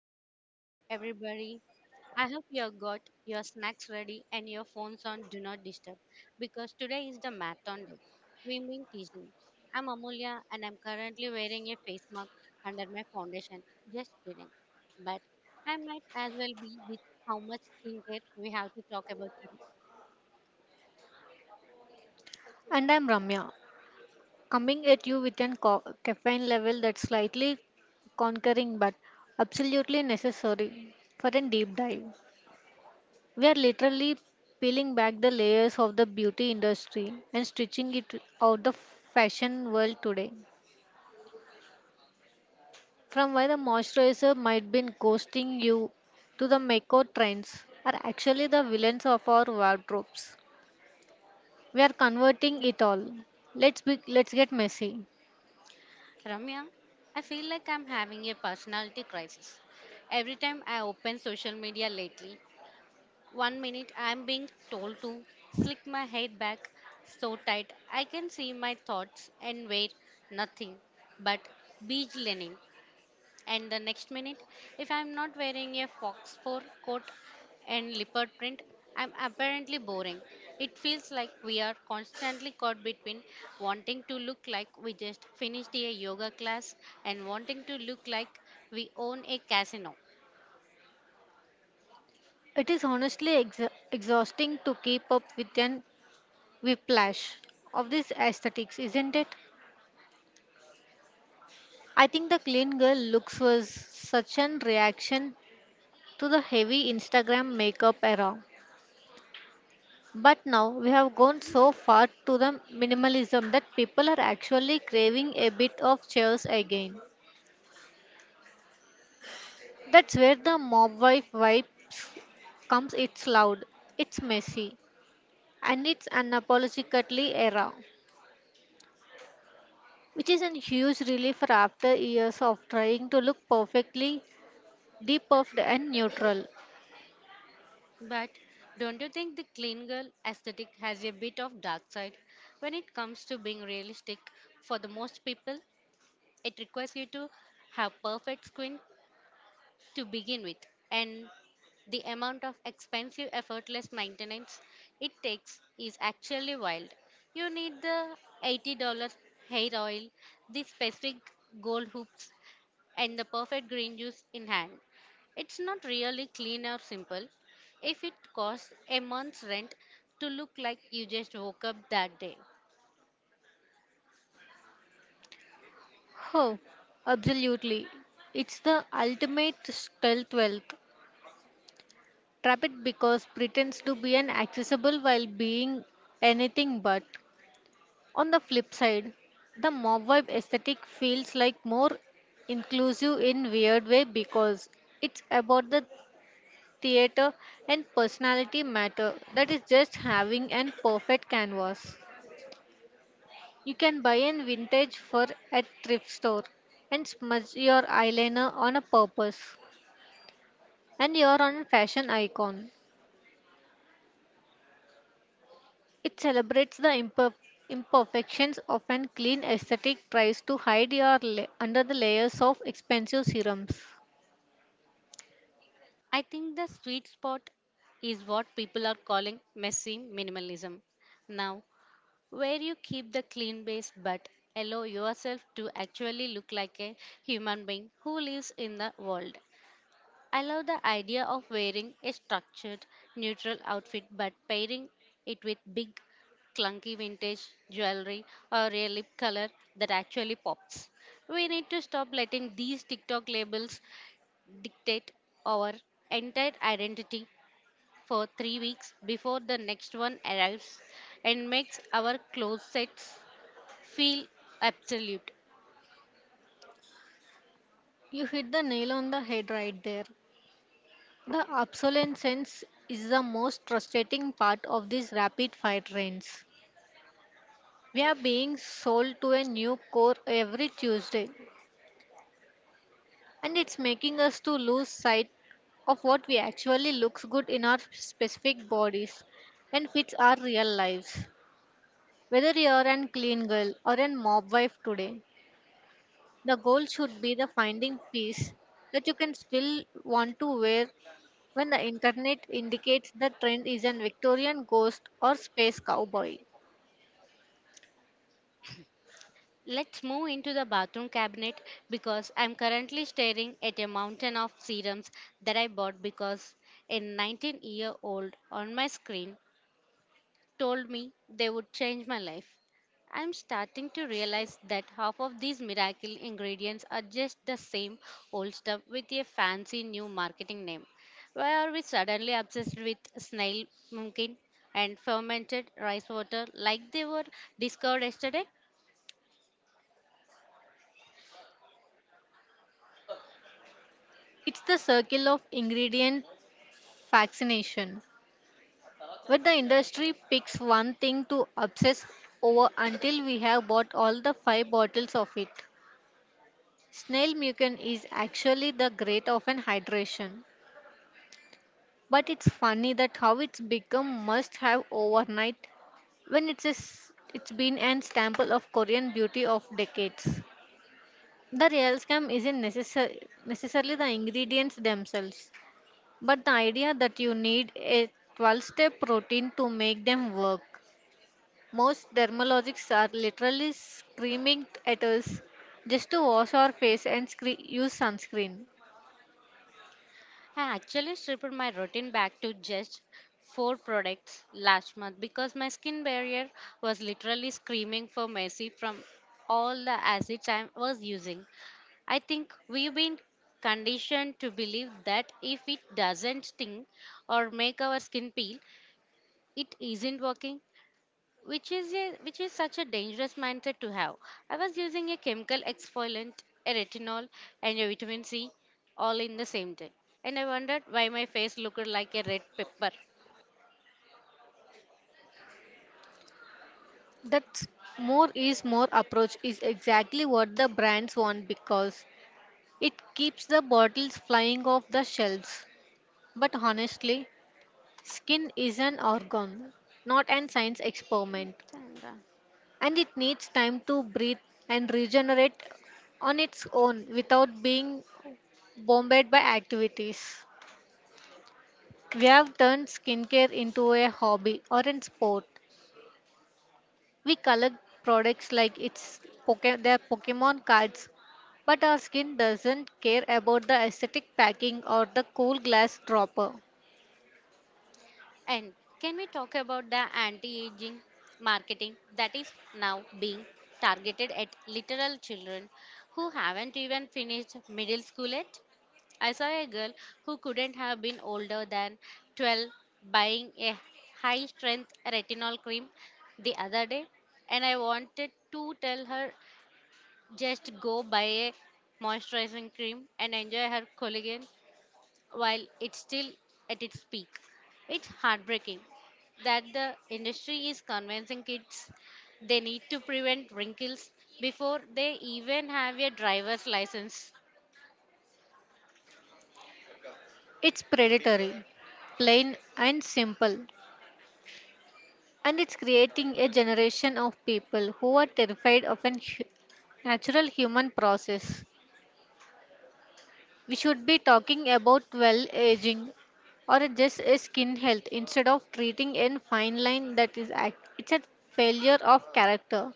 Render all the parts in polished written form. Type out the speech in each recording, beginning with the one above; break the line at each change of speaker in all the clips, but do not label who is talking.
Glow and Brew, everybody. I hope you have got your snacks ready and your phones on Do Not Disturb because today is the marathon day. We mean teasing. I'm Amulya and I'm currently wearing a face mask under my foundation. Just kidding. But I might as well be with how much skincare we have to talk about today.
And I'm Ramya, coming at you with an caffeine level that's slightly conquering but absolutely necessary for a deep dive. We are literally peeling back the layers of the beauty industry and stretching it out the fashion world today. From why the moisturizer might be ghosting you to the makeup trends are actually the villains of our wardrobes. We are converting it all. Let's get messy.
Ramya, I feel like I'm having a personality crisis. Every time I open social media lately, One minute I'm being told to slick my head back so tight I can see my thoughts and wear nothing but beige linen. And the next minute, if I'm not wearing a fox fur coat and leopard print, I'm apparently boring. It feels like we are constantly caught between wanting to look like we just finished a yoga class and wanting to look like we own a casino.
It is honestly exa exhausting to keep up with an whiplash of these aesthetics, isn't it? I think the clean girl looks was such an reaction to the heavy Instagram makeup era. But now we have gone so far to the minimalism that people are actually craving a bit of chaos again. That's where the mob wife vibe comes. It's loud, it's messy, and it's unapologetically era, which is a huge relief after years of trying to look perfectly depuffed and neutral.
But don't you think the clean girl aesthetic has a bit of dark side? When it comes to being realistic, for the most people, it requires you to have perfect skin to begin with, and the amount of expensive, effortless maintenance it takes is actually wild. You need the $80 hair oil, the specific gold hoops, and the perfect green juice in hand. It's not really clean or simple if it costs a month's rent to look like you just woke up that day.
Oh, absolutely. It's the ultimate stealth wealth. Trap it because pretends to be an accessible while being anything but. On the flip side, the mob vibe aesthetic feels like more inclusive in weird way because it's about the theater and personality matter that is just having an perfect canvas. You can buy an vintage fur at thrift store and smudge your eyeliner on a purpose and you're on a fashion icon. It celebrates the imperfections of an clean aesthetic tries to hide your under the layers of expensive serums.
I think the sweet spot is what people are calling messy minimalism. Now, where you keep the clean base but allow yourself to actually look like a human being who lives in the world. I love the idea of wearing a structured, neutral outfit but pairing it with big, clunky vintage jewelry or a lip color that actually pops. We need to stop letting these TikTok labels dictate our entire identity for 3 weeks before the next one arrives and makes our closets feel absolute.
You hit the nail on the head right there. The obsolescence is the most frustrating part of these rapid fire trends. We are being sold to a new core every Tuesday, and it's making us to lose sight of what we actually looks good in our specific bodies and fits our real lives. Whether you are a clean girl or a mob wife today, the goal should be the finding peace that you can still want to wear when the internet indicates the trend is a Victorian ghost or space cowboy.
Let's move into the bathroom cabinet because I'm currently staring at a mountain of serums that I bought because a 19-year-old on my screen told me they would change my life. I'm starting to realize that half of these miracle ingredients are just the same old stuff with a fancy new marketing name. Why are we suddenly obsessed with snail, pumpkin, and fermented rice water like they were discovered yesterday?
It's the circle of ingredient fascination. But the industry picks one thing to obsess over until we have bought all the five bottles of it. Snail mucin is actually the great of an hydration. But it's funny that how it's become must have overnight when it's a s it's been an staple of Korean beauty of decades. The real scam isn't necessarily the ingredients themselves, but the idea that you need a 12-step step routine to make them work. Most dermatologists are literally screaming at us just to wash our face and use sunscreen.
I actually stripped my routine back to just four products last month because my skin barrier was literally screaming for mercy from all the acids I was using. I think we've been conditioned to believe that if it doesn't sting or make our skin peel, it isn't working, which is such a dangerous mindset to have. I was using a chemical exfoliant, a retinol, and a vitamin C all in the same day, and I wondered why my face looked like a red pepper.
That more is more approach is exactly what the brands want because it keeps the bottles flying off the shelves. But honestly, skin is an organ, not an science experiment,
And, uh,
and it needs time to breathe and regenerate on its own without being bombarded by activities. We have turned skincare into a hobby or a sport. We collect products like it's their Pokemon cards, but our skin doesn't care about the aesthetic packing or the cool glass dropper.
And can we talk about the anti aging marketing that is now being targeted at literal children who haven't even finished middle school yet? I saw a girl who couldn't have been older than 12 buying a high strength retinol cream the other day, and I wanted to tell her just go buy a moisturizing cream and enjoy her collagen while it's still at its peak. It's heartbreaking that the industry is convincing kids they need to prevent wrinkles before they even have a driver's license.
It's predatory, plain and simple, and it's creating a generation of people who are terrified of a natural human process. We should be talking about well aging or just a skin health instead of treating a fine line that is act. It's a failure of character.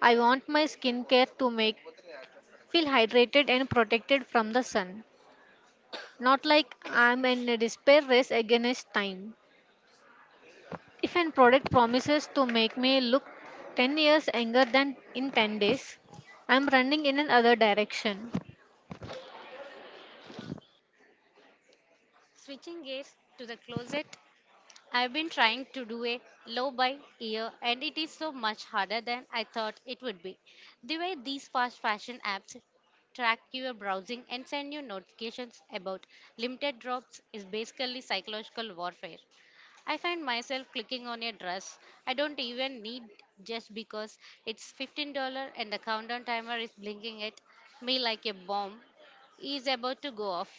I want my skincare to make feel hydrated and protected from the sun, not like I'm in a despair race against time. If a product promises to make me look 10 years younger than in 10 days, I'm running in another direction.
Switching gears to the closet, I've been trying to do a low by ear and it is so much harder than I thought it would be. The way these fast fashion apps track your browsing and send you notifications about limited drops is basically psychological warfare. I find myself clicking on a dress I don't even need just because it's $15 and the countdown timer is blinking at me like a bomb is about to go off.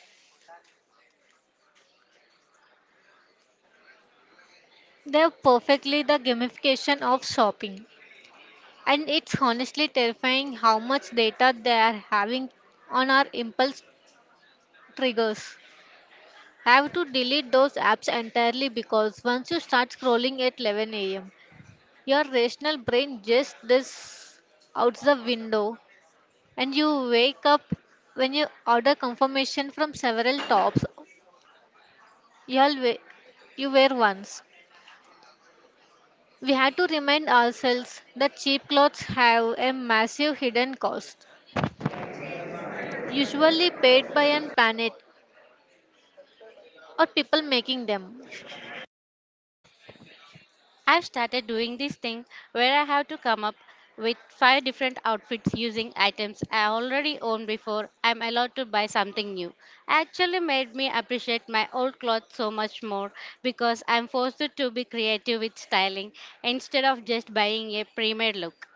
They're perfectly the gamification of shopping. And it's honestly terrifying how much data they are having on our impulse triggers. I have to delete those apps entirely because once you start scrolling at 11 a.m., your rational brain just this out the window, and you wake up when you order confirmation from several tops you all we- you were once. We had to remind ourselves that cheap clothes have a massive hidden cost, usually paid by an planet or people making them.
I've started doing this thing where I have to come up with five different outfits using items I already own before I'm allowed to buy something new. Actually made me appreciate my old clothes so much more because I'm forced to be creative with styling instead of just buying a pre-made look.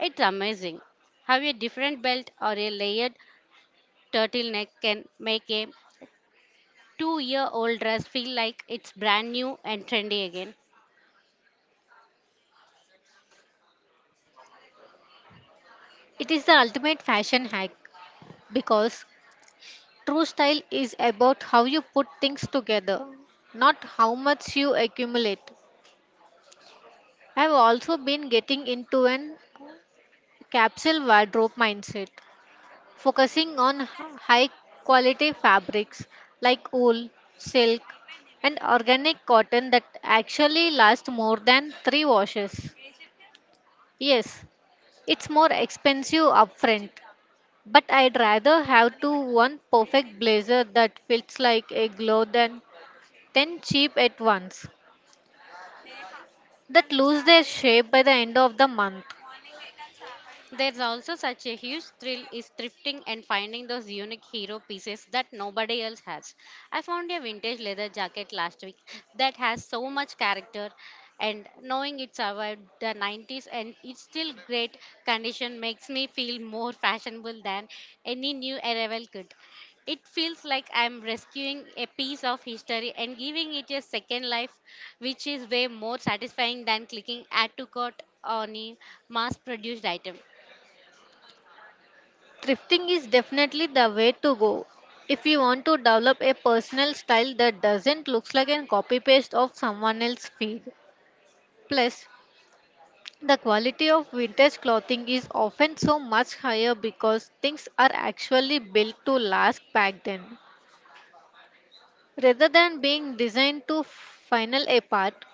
It's amazing how a different belt or a layered turtleneck can make a 2 year old dress feel like it's brand new and trendy again.
It is the ultimate fashion hack because true style is about how you put things together, not how much you accumulate. I have also been getting into an capsule wardrobe mindset, focusing on high quality fabrics like wool, silk, and organic cotton that actually last more than three washes. Yes, it's more expensive upfront, but I'd rather have to one perfect blazer that fits like a glove than 10 cheap at once that lose their shape by the end of the month.
There's also such a huge thrill is thrifting and finding those unique hero pieces that nobody else has. I found a vintage leather jacket last week that has so much character, and knowing it survived the 90s and it's still great condition makes me feel more fashionable than any new arrival could. It feels like I'm rescuing a piece of history and giving it a second life, which is way more satisfying than clicking add to cart on a mass produced item.
Thrifting is definitely the way to go if you want to develop a personal style that doesn't look like a copy paste of someone else's feed. Plus, the quality of vintage clothing is often so much higher because things are actually built to last back then rather than being designed to final apart.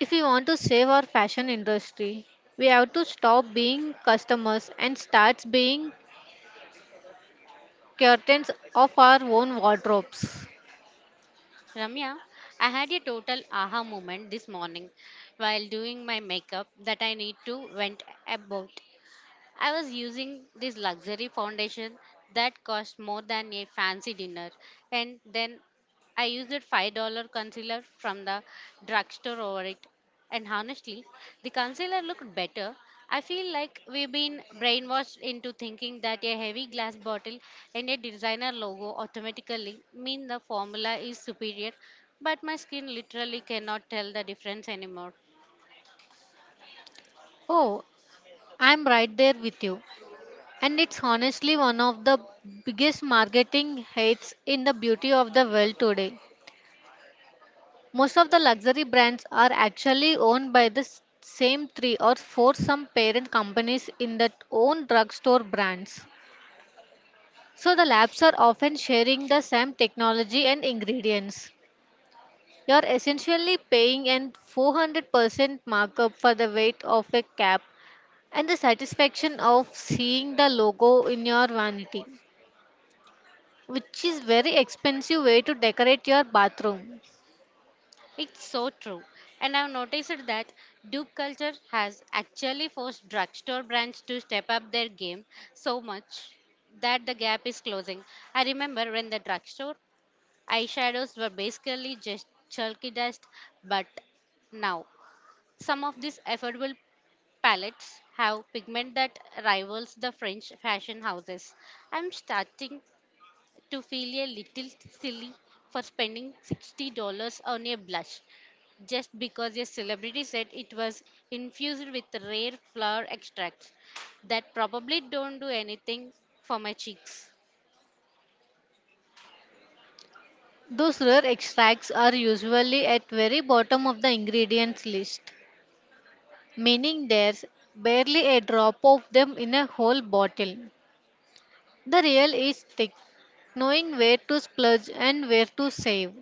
If we want to save our fashion industry, we have to stop being customers and start being curtains of our own wardrobes.
Ramya, I had a total aha moment this morning while doing my makeup that I need to vent about. I was using this luxury foundation that cost more than a fancy dinner, and then I used a $5 concealer from the drugstore over it. And honestly, the concealer looked better. I feel like we've been brainwashed into thinking that a heavy glass bottle and a designer logo automatically mean the formula is superior, but my skin literally cannot tell the difference anymore.
Oh, I'm right there with you. And it's honestly one of the biggest marketing hits in the beauty of the world today. Most of the luxury brands are actually owned by the same three or four some parent companies in that own drugstore brands. So the labs are often sharing the same technology and ingredients. You're essentially paying an 400% markup for the weight of a cap and the satisfaction of seeing the logo in your vanity, which is very expensive way to decorate your bathroom.
It's so true. And I've noticed that dupe culture has actually forced drugstore brands to step up their game so much that the gap is closing. I remember when the drugstore eyeshadows were basically just chalky dust, but now some of these affordable palettes have pigment that rivals the French fashion houses. I'm starting to feel a little silly for spending $60 on a blush just because a celebrity said it was infused with rare flower extracts that probably don't do anything for my cheeks.
Those rare extracts are usually at very bottom of the ingredients list, meaning there's barely a drop of them in a whole bottle. The real is thick, knowing where to splurge and where to save.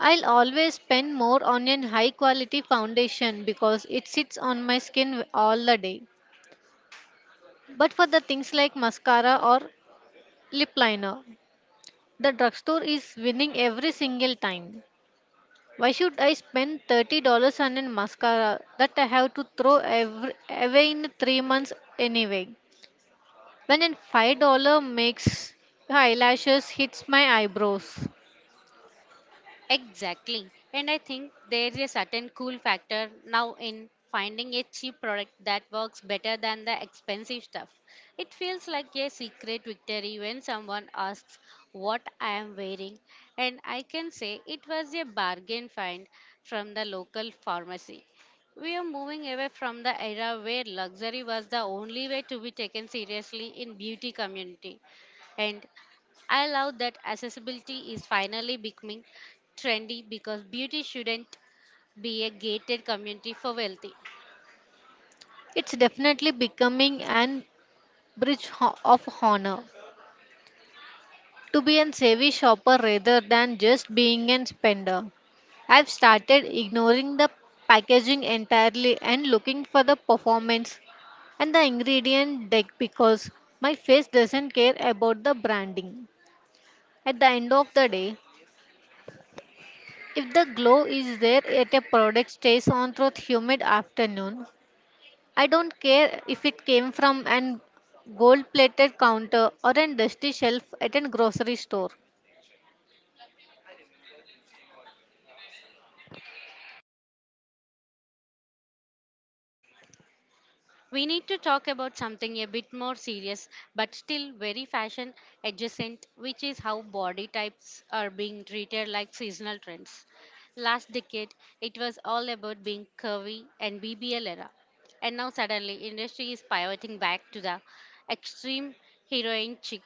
I'll always spend more on a high quality foundation because it sits on my skin all the day. But for the things like mascara or lip liner, the drugstore is winning every single time. Why should I spend $30 on a mascara that I have to throw away in 3 months anyway? When a $5 makes eyelashes hits my eyebrows.
Exactly. And I think there is a certain cool factor now in finding a cheap product that works better than the expensive stuff. It feels like a secret victory when someone asks what I am wearing, and I can say it was a bargain find from the local pharmacy. We are moving away from the era where luxury was the only way to be taken seriously in beauty community. And I love that accessibility is finally becoming trendy because beauty shouldn't be a gated community for wealthy.
It's definitely becoming an bridge of honor to be a savvy shopper rather than just being a spender. I've started ignoring the packaging entirely and looking for the performance and the ingredient deck because my face doesn't care about the branding. At the end of the day, if the glow is there at a product stays on through humid afternoon, I don't care if it came from an gold plated counter or a dusty shelf at a grocery store.
We need to talk about something a bit more serious but still very fashion adjacent, which is how body types are being treated like seasonal trends. Last decade, it was all about being curvy and BBL era. And now suddenly, industry is pivoting back to the extreme heroin chic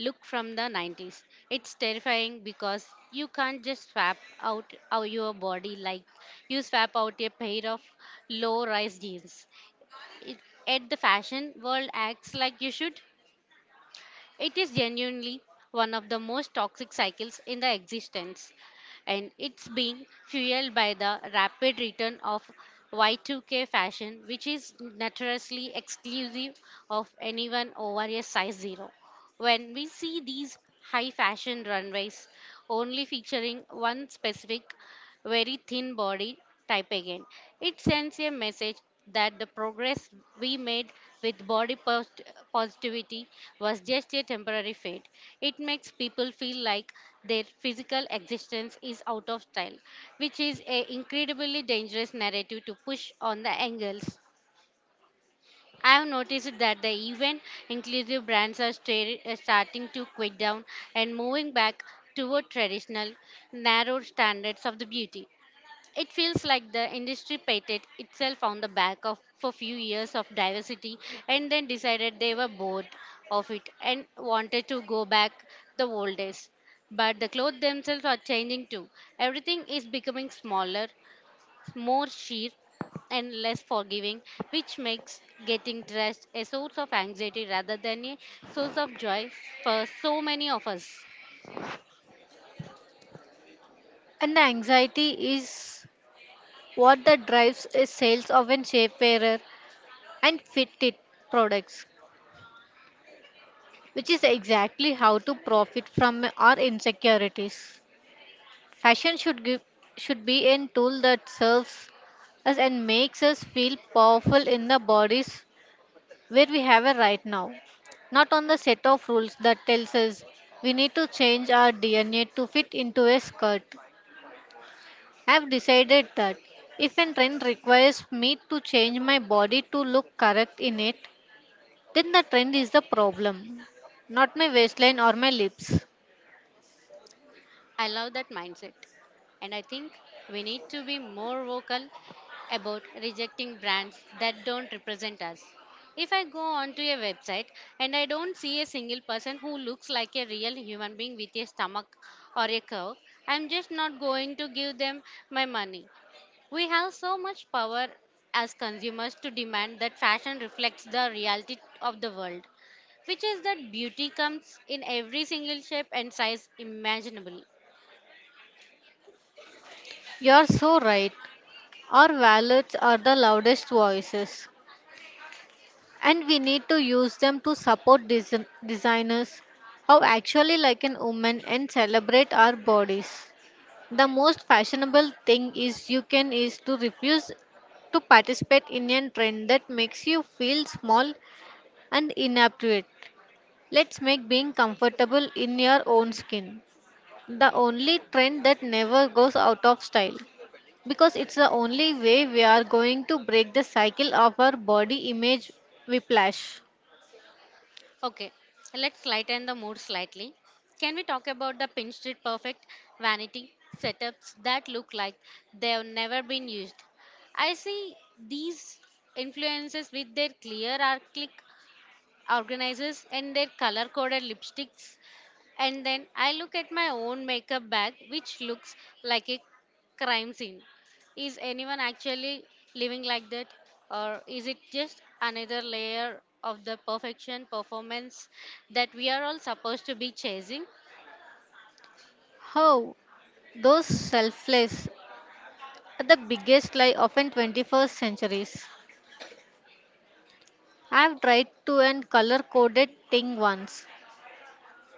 look from the 90s. It's terrifying because you can't just swap out your body like you swap out a pair of low rise jeans it, at the fashion world acts like you should. It is genuinely one of the most toxic cycles in the existence, and it's being fueled by the rapid return of Y2K fashion, which is notoriously exclusive of anyone over a size zero. When we see these high fashion runways only featuring one specific very thin body type again. It sends a message that the progress we made with body positivity was just a temporary fad. It makes people feel like their physical existence is out of style, which is an incredibly dangerous narrative to push on the angles. I have noticed that the even inclusive brands are starting to quit down and moving back toward traditional, narrow standards of the beauty. It feels like the industry painted itself on the back of a few years of diversity and then decided they were bored of it and wanted to go back the old days. But the clothes themselves are changing too. Everything is becoming smaller, more sheer, and less forgiving, which makes getting dressed a source of anxiety rather than a source of joy for so many of us.
And the anxiety is what that drives is sales of an Shapewear and fitted products, which is exactly how to profit from our insecurities. Fashion should give, should be a tool that serves us and makes us feel powerful in the bodies where we have a right now, not on the set of rules that tells us we need to change our DNA to fit into a skirt. I've decided that if a trend requires me to change my body to look correct in it, then the trend is the problem, not my waistline or my lips.
I love that mindset. And I think we need to be more vocal about rejecting brands that don't represent us. If I go onto a website and I don't see a single person who looks like a real human being with a stomach or a curve, I'm just not going to give them my money. We have so much power as consumers to demand that fashion reflects the reality of the world, which is that beauty comes in every single shape and size imaginable.
You're so right. Our wallets are the loudest voices, and we need to use them to support designers how actually like an woman and celebrate our bodies. The most fashionable thing is you can is to refuse to participate in a trend that makes you feel small and inappropriate. Let's make being comfortable in your own skin the only trend that never goes out of style because it's the only way we are going to break the cycle of our body image whiplash.
Okay, let's lighten the mood slightly. Can we talk about the Pin Street Perfect vanity setups that look like they've never been used? I see these influences with their clear arc organizers and their color coded lipsticks, and then I look at my own makeup bag, which looks like a crime scene. Is anyone actually living like that, or is it just another layer of the perfection performance that we are all supposed to be chasing?
How those selfless are the biggest lie of in 21st centuries. I've tried to an color coded thing once,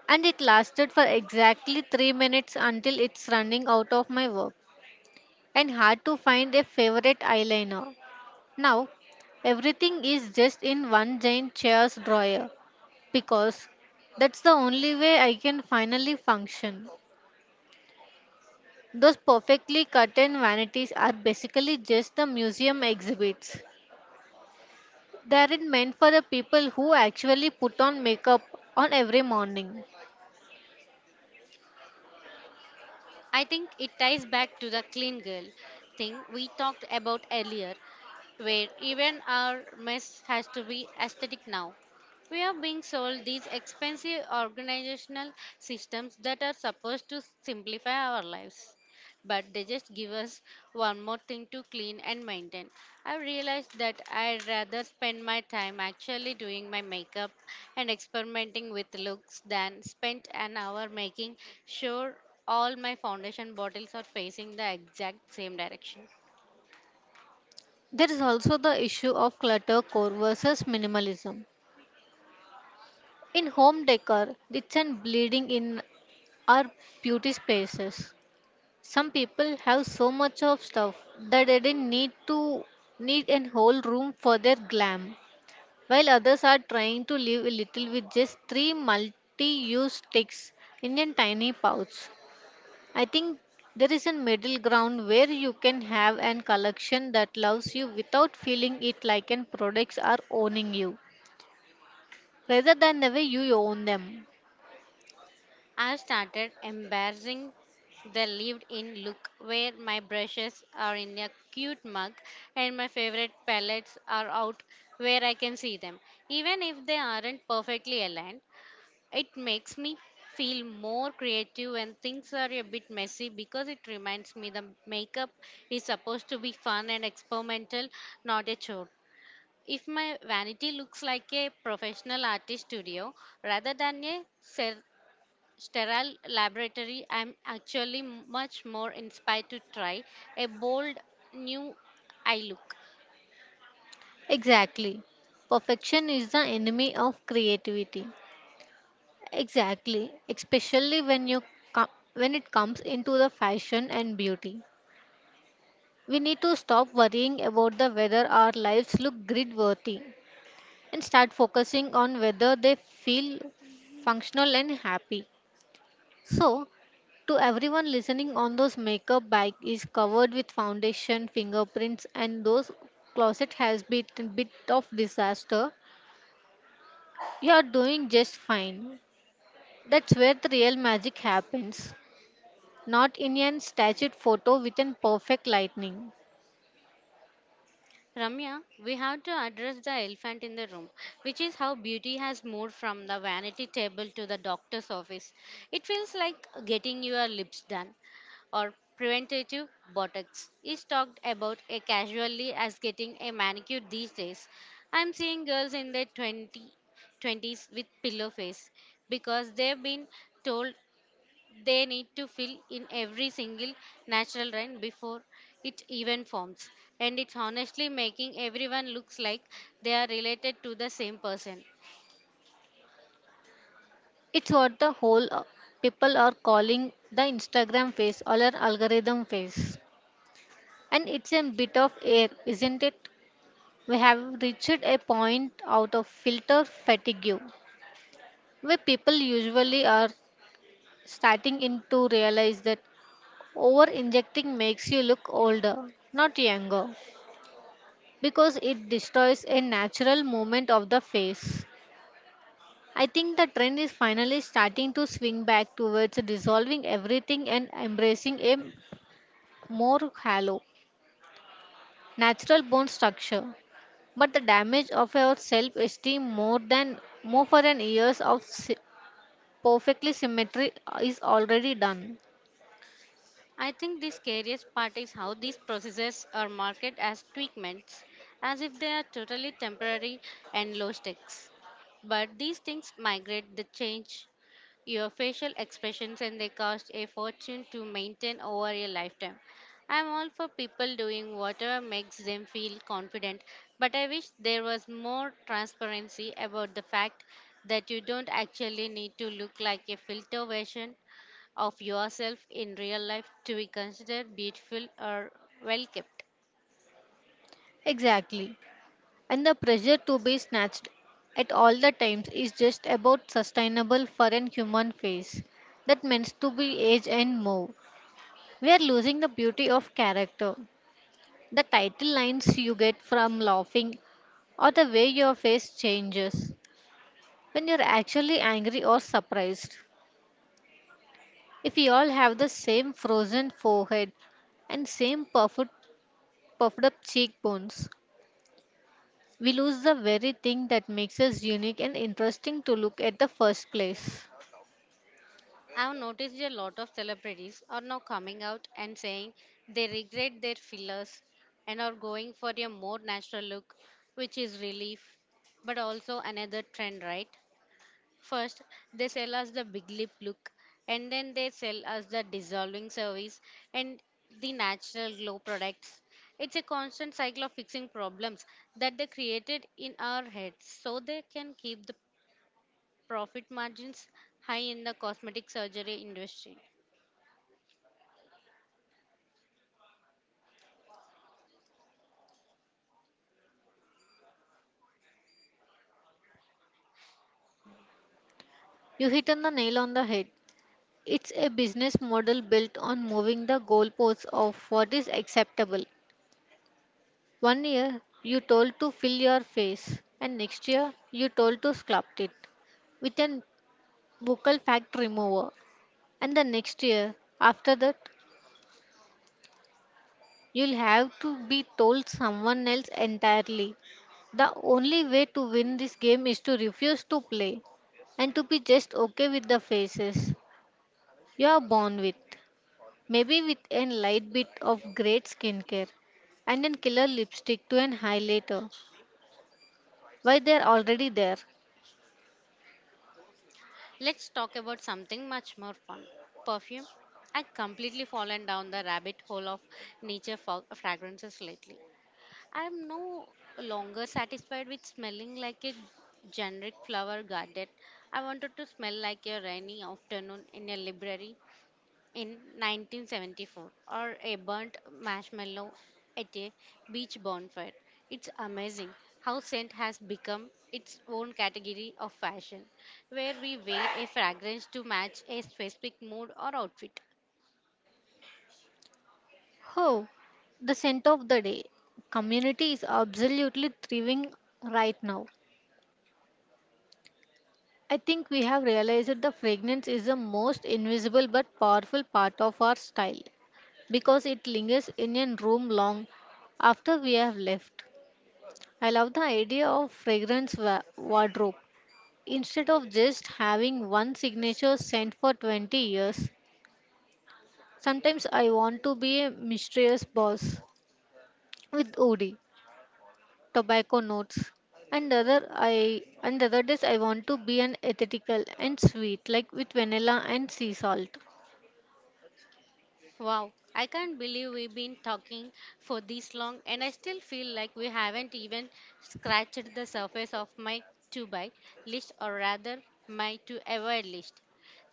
and it lasted for exactly 3 minutes until it's running out of my work and hard to find a favorite eyeliner. Now everything is just in one giant chair's drawer because that's the only way I can finally function. Those perfectly cut in vanities are basically just the museum exhibits. They aren't meant for the people who actually put on makeup on every morning.
I think it ties back to the clean girl thing we talked about earlier, where even our mess has to be aesthetic now. We are being sold these expensive organizational systems that are supposed to simplify our lives, but they just give us one more thing to clean and maintain. I realized that I'd rather spend my time actually doing my makeup and experimenting with looks than spend an hour making sure all my foundation bottles are facing the exact same direction.
There is also the issue of clutter core versus minimalism. In home decor, it's and bleeding in our beauty spaces. Some people have so much of stuff that they didn't need to need an whole room for their glam, while others are trying to live a little with just three multi-use sticks in a tiny pouch. I think there is a middle ground where you can have an collection that loves you without feeling it like an products are owning you, rather than the way you own them.
I've started embarrassing the lived in look, where my brushes are in a cute mug and my favorite palettes are out where I can see them, even if they aren't perfectly aligned. It makes me feel more creative when things are a bit messy, because it reminds me the makeup is supposed to be fun and experimental, not a chore. If my vanity looks like a professional artist studio rather than a sterile laboratory, I'm actually much more inspired to try a bold new eye look.
Exactly. Perfection is the enemy of creativity. Exactly, especially when you com- when it comes into the fashion and beauty. We need to stop worrying about the whether our lives look grid worthy and start focusing on whether they feel functional and happy. So, to everyone listening on those makeup bag is covered with foundation, fingerprints and those closet has been a bit of disaster, you are doing just fine. That's where the real magic happens, not in an staged photo with an perfect lightning.
Ramya, we have to address the elephant in the room, which is how beauty has moved from the vanity table to the doctor's office. It feels like getting your lips done or preventative botox is talked about casually as getting a manicure these days. I'm seeing girls in their 20s with pillow face because they've been told they need to fill in every single natural rain before it even forms. And it's honestly making everyone looks like they are related to the same person.
It's what the whole people are calling the Instagram phase or an algorithm phase. And it's a bit of air, isn't it? We have reached a point out of filter fatigue where people usually are starting in to realize that over injecting makes you look older, not younger, because it destroys a natural movement of the face. I think the trend is finally starting to swing back towards dissolving everything and embracing a more hollow, natural bone structure. But the damage of our self esteem more than more for an years of perfectly symmetry is already done.
I think the scariest part is how these processes are marketed as treatments, as if they are totally temporary and low stakes. But these things migrate, they change your facial expressions, and they cost a fortune to maintain over a lifetime. I'm all for people doing whatever makes them feel confident, but I wish there was more transparency about the fact that you don't actually need to look like a filter version of yourself in real life to be considered beautiful or well kept.
Exactly. And the pressure to be snatched at all the times is just about sustainable for an human face that means to be age and move. We are losing the beauty of character. The title lines you get from laughing or the way your face changes when you're actually angry or surprised. If we all have the same frozen forehead and same puffed up cheekbones, we lose the very thing that makes us unique and interesting to look at the first place.
I've noticed a lot of celebrities are now coming out and saying they regret their fillers and are going for a more natural look, which is relief, but also another trend, right? First, they sell us the big lip look, and then they sell us the dissolving service and the natural glow products. It's a constant cycle of fixing problems that they created in our heads so they can keep the profit margins high in the cosmetic surgery industry.
You hit on the nail on the head. It's a business model built on moving the goalposts of what is acceptable. One year, you told to fill your face, and next year, you told to sculpt it with a buccal fat remover. And the next year, after that, you'll have to be told someone else entirely. The only way to win this game is to refuse to play and to be just okay with the faces you are born with. Maybe with a light bit of great skincare and a killer lipstick to an highlighter. Why they're already there.
Let's talk about something much more fun: perfume. I completely fallen down the rabbit hole of fragrances lately. I am no longer satisfied with smelling like a generic flower garden. I wanted to smell like a rainy afternoon in a library in 1974, or a burnt marshmallow at a beach bonfire. It's amazing how scent has become its own category of fashion, where we wear a fragrance to match a specific mood or outfit.
Oh, the scent of the day. Community is absolutely thriving right now. I think we have realized the fragrance is the most invisible but powerful part of our style because it lingers in a room long after we have left. I love the idea of fragrance wardrobe. Instead of just having one signature scent for 20 years, sometimes I want to be a mysterious boss with Odi, tobacco notes, and other I and other days I want to be an ethical and sweet like with vanilla and sea salt.
Wow, I can't believe we've been talking for this long, and I still feel like we haven't even scratched the surface of my to buy list, or rather my to avoid list.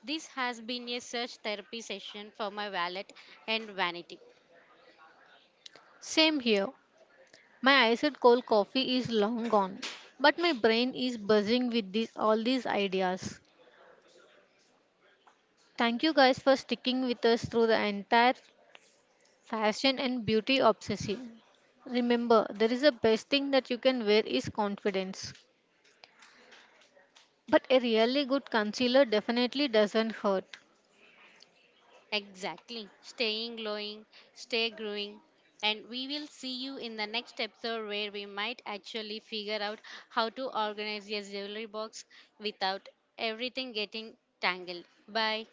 This has been a search therapy session for my wallet and vanity.
Same here. My iced cold coffee is long gone, but my brain is buzzing with all these ideas. Thank you guys for sticking with us through the entire fashion and beauty obsession. Remember, there is a best thing that you can wear is confidence. But a really good concealer definitely doesn't hurt.
Exactly. Staying glowing, stay growing. And we will see you in the next episode, where we might actually figure out how to organize your jewelry box without everything getting tangled. Bye.